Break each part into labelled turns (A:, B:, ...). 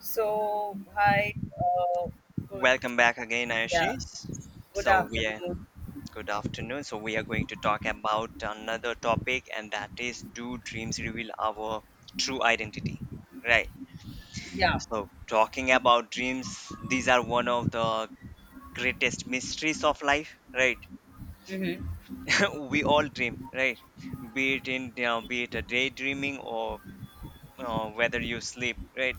A: So, hi, uh, good,
B: Welcome back again,
A: Yeah.
B: Ashish.
A: Good
B: So we are
A: afternoon.
B: Good afternoon. So we are going to talk about another topic, and that is, do dreams reveal our true identity? Right.
A: Yeah.
B: So talking about dreams, these are one of the greatest mysteries of life. Right.
A: Mm-hmm.
B: We all dream. Right. Be it a daydreaming or whether you sleep. Right.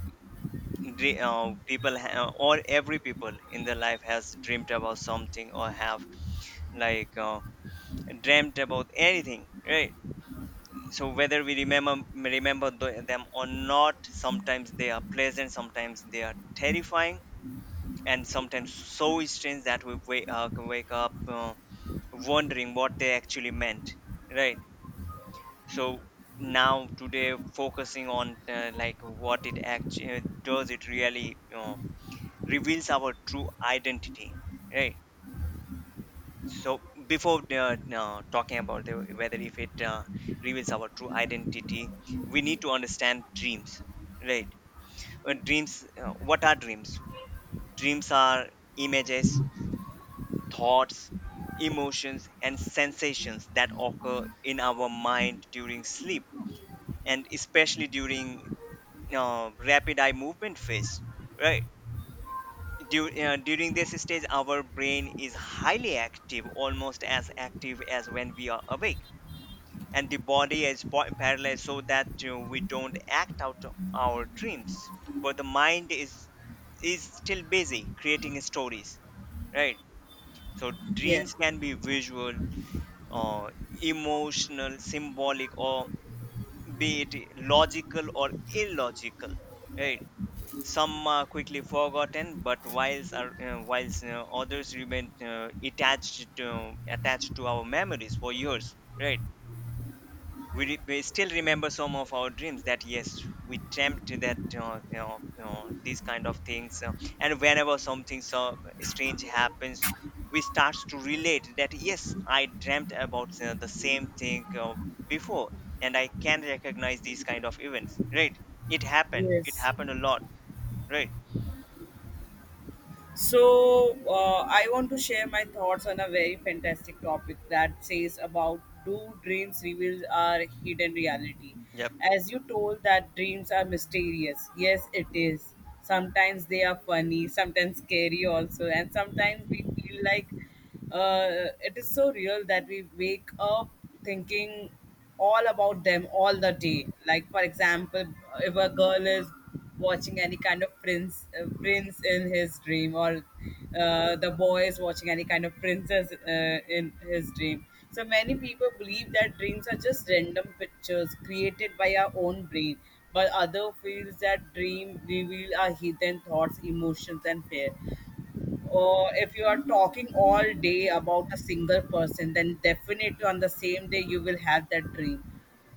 B: Dre- people ha- or Every people in their life has dreamed about something or have like. Uh, dreamt about anything, right? So whether we remember them or not, sometimes they are pleasant, sometimes they are terrifying, and sometimes so strange that we wake up, wondering what they actually meant, right? So now today, focusing on, like, what it actually does, it really, you, reveals our true identity, right? So before talking about whether if it reveals our true identity, we need to understand dreams, right? Dreams What are dreams? Dreams are images, thoughts, emotions and sensations that occur in our mind during sleep, and especially during uh, rapid eye movement phase, right? During this stage, our brain is highly active, almost as active as when we are awake, and the body is paralyzed so that we don't act out our dreams, but the mind is still busy creating stories, right? So
A: Yes.
B: dreams can be visual, or emotional, symbolic, or be it logical or illogical, right? Some are quickly forgotten, but whilst are, whilst others remain attached to, attached to our memories for years, right? We we still remember some of our dreams, that yes, we dreamt that, you know, these kind of things, and whenever something so strange happens, we start to relate that, yes, I dreamt about the same thing before, and I can recognize these kind of events, right? it happened it
A: Yes.
B: happened a lot, right.
A: So, I want to share my thoughts on a very fantastic topic that says about do dreams reveal our hidden reality?
B: Yep.
A: As you told that dreams are mysterious. Yes, it is. Sometimes they are funny, sometimes scary also, and sometimes we feel like it is so real that we wake up thinking all about them all the day. Like for example, if a girl is watching any kind of prince in his dream, or the boy is watching any kind of princess in his dream. So many people believe that dreams are just random pictures created by our own brain, but other feels that dream reveal our hidden thoughts, emotions, and fear, or if you are talking all day about a single person then definitely on the same day you will have that dream.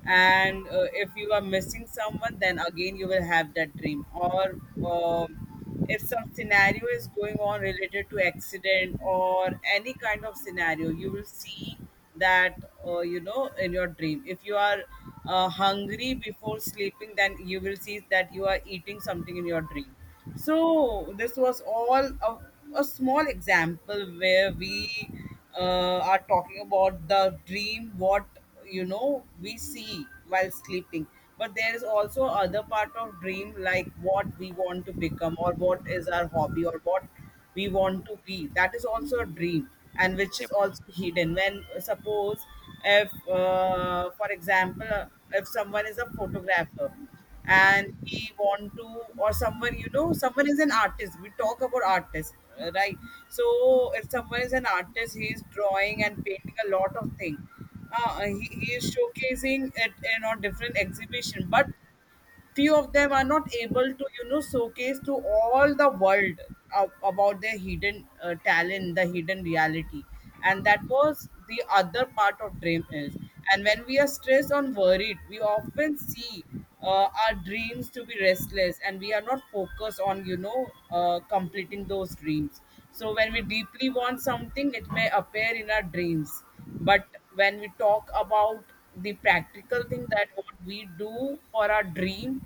A: And if you are missing someone then again you will have that dream, or um, if some scenario is going on related to accident or any kind of scenario you will see that you know in your dream. If you are hungry before sleeping then you will see that you are eating something in your dream. So this was all a small example where we are talking about the dream, what you know we see while sleeping. But there is also other part of dream, like what we want to become, or what is our hobby, or what we want to be. That is also a dream, and which is
B: Yep.
A: also hidden. When suppose if, for example, if someone is a photographer and he want to, or someone you know someone is an artist, we talk about artists, right? So if someone is an artist he is drawing and painting a lot of things. He is showcasing it in a different exhibition, but few of them are not able to you know showcase to all the world about their hidden talent, the hidden reality, and that was the other part of dream is. And when we are stressed or worried we often see our dreams to be restless and we are not focused on you know completing those dreams. So when we deeply want something it may appear in our dreams. But when we talk about the practical thing, that what we do for our dream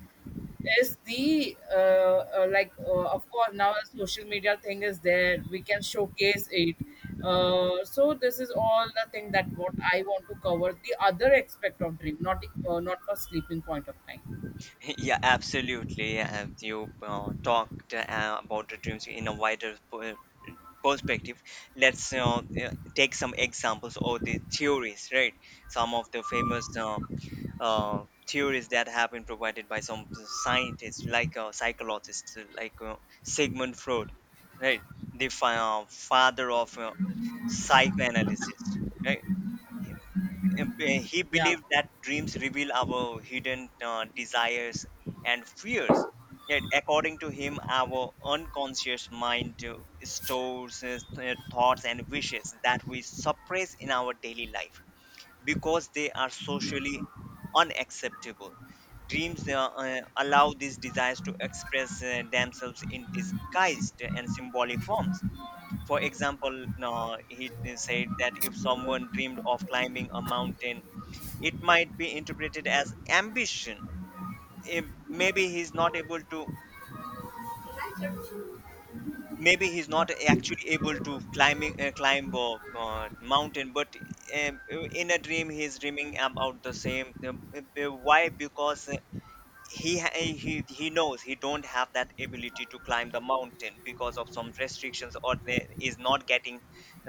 A: is the of course now the social media thing is there, we can showcase it. So this is all the thing that what I want to cover, the other aspect of dream, not not for sleeping point of time.
B: Yeah, absolutely. Yeah, you talked about the dreams in a wider perspective. Let's take some examples of the theories, right? Some of the famous theories that have been provided by some scientists, like psychologists, like Sigmund Freud, right? The father of psychoanalysis, right? And he
A: Yeah,
B: believed that dreams reveal our hidden desires and fears. Yet, according to him, our unconscious mind stores thoughts and wishes that we suppress in our daily life because they are socially unacceptable. Dreams allow these desires to express themselves in disguised and symbolic forms. For example, he said that if someone dreamed of climbing a mountain, it might be interpreted as ambition. Maybe he's not able to, maybe he's not actually able to climb a mountain, but in a dream, he's dreaming about the same. Why? Because he knows he don't have that ability to climb the mountain because of some restrictions, or they is not getting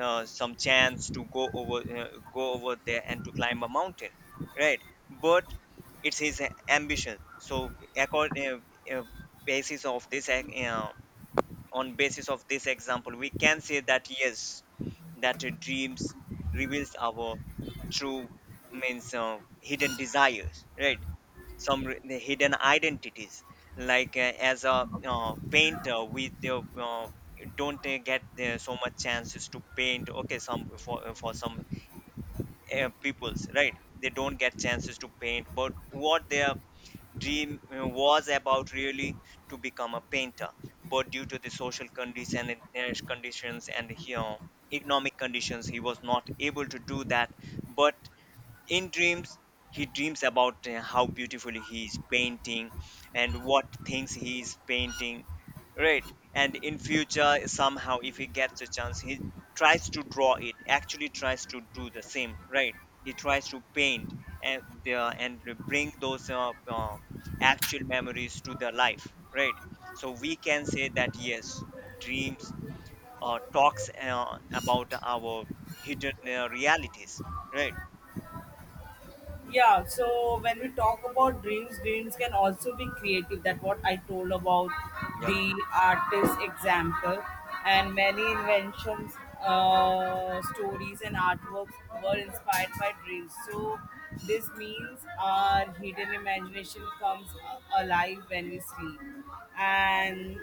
B: some chance to go over there and to climb a mountain, right? But it's his ambition. So accord uh, basis of this ex- on basis of this example, we can say that yes, that dreams reveals our true means hidden desires, right? The hidden identities, like, as a painter, don't get so much chances to paint, okay, some for some peoples, right? They don't get chances to paint, but what their dream was about, really, to become a painter, but due to the social condition, and conditions, and you know, economic conditions, he was not able to do that. But in dreams, he dreams about how beautifully he is painting and what things he is painting, right? And in future, somehow, if he gets a chance, he tries to draw it, actually tries to do the same, right? He tries to paint and bring those actual memories to the life, right? So we can say that yes, dreams talks about our hidden realities, right?
A: yeah. So when we talk about dreams, dreams can also be creative, that what I told about the artist example. And many inventions, stories and artworks were inspired by dreams. So this means our hidden imagination comes alive when we sleep. And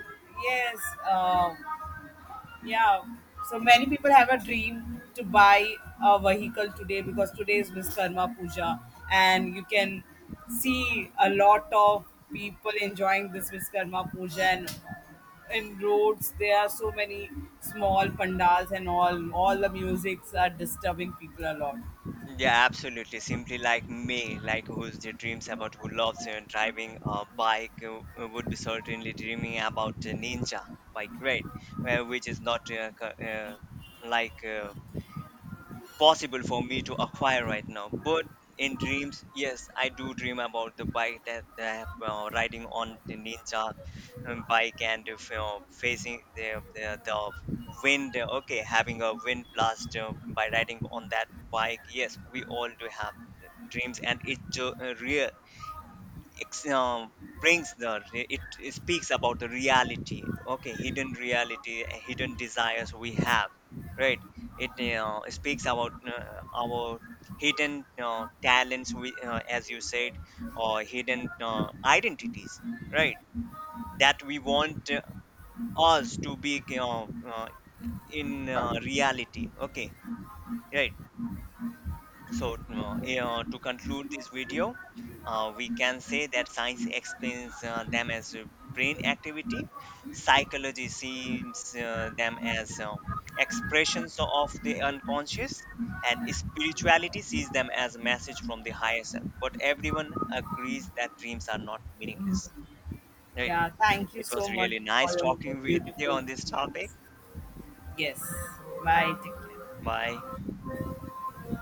A: yes, uh, yeah. So many people have a dream to buy a vehicle today because today is Vishkarma Puja, and you can see a lot of people enjoying this Vishkarma Puja, and in roads there are so many small pandals, and all the musics are disturbing people a lot.
B: Yeah, absolutely. Simply like me, like, who's the dreams about, who loves driving a bike, would be certainly dreaming about a Ninja bike, right? Which is not like uh, possible for me to acquire right now. But in dreams, yes, I do dream about the bike that I have, riding on the Ninja, bike, and if, you know, facing the wind. Okay, having a wind blast by riding on that bike. Yes, we all do have dreams, and it ju- real ex- brings the it, it speaks about the reality, okay, hidden reality, hidden desires we have, right? It speaks about our hidden talents, we as you said, or hidden identities, right, that we want us to be, uh, in reality, okay, right. So, to conclude this video, we can say that science explains them as brain activity, psychology sees them as expressions of the unconscious, and spirituality sees them as a message from the higher self. But everyone agrees that dreams are not meaningless. Right?
A: Yeah, thank you
B: It
A: so
B: was
A: much
B: really
A: for
B: nice
A: your
B: talking with you
A: beautiful
B: on this topic.
A: comments. Yes. Bye. Take care.
B: Bye.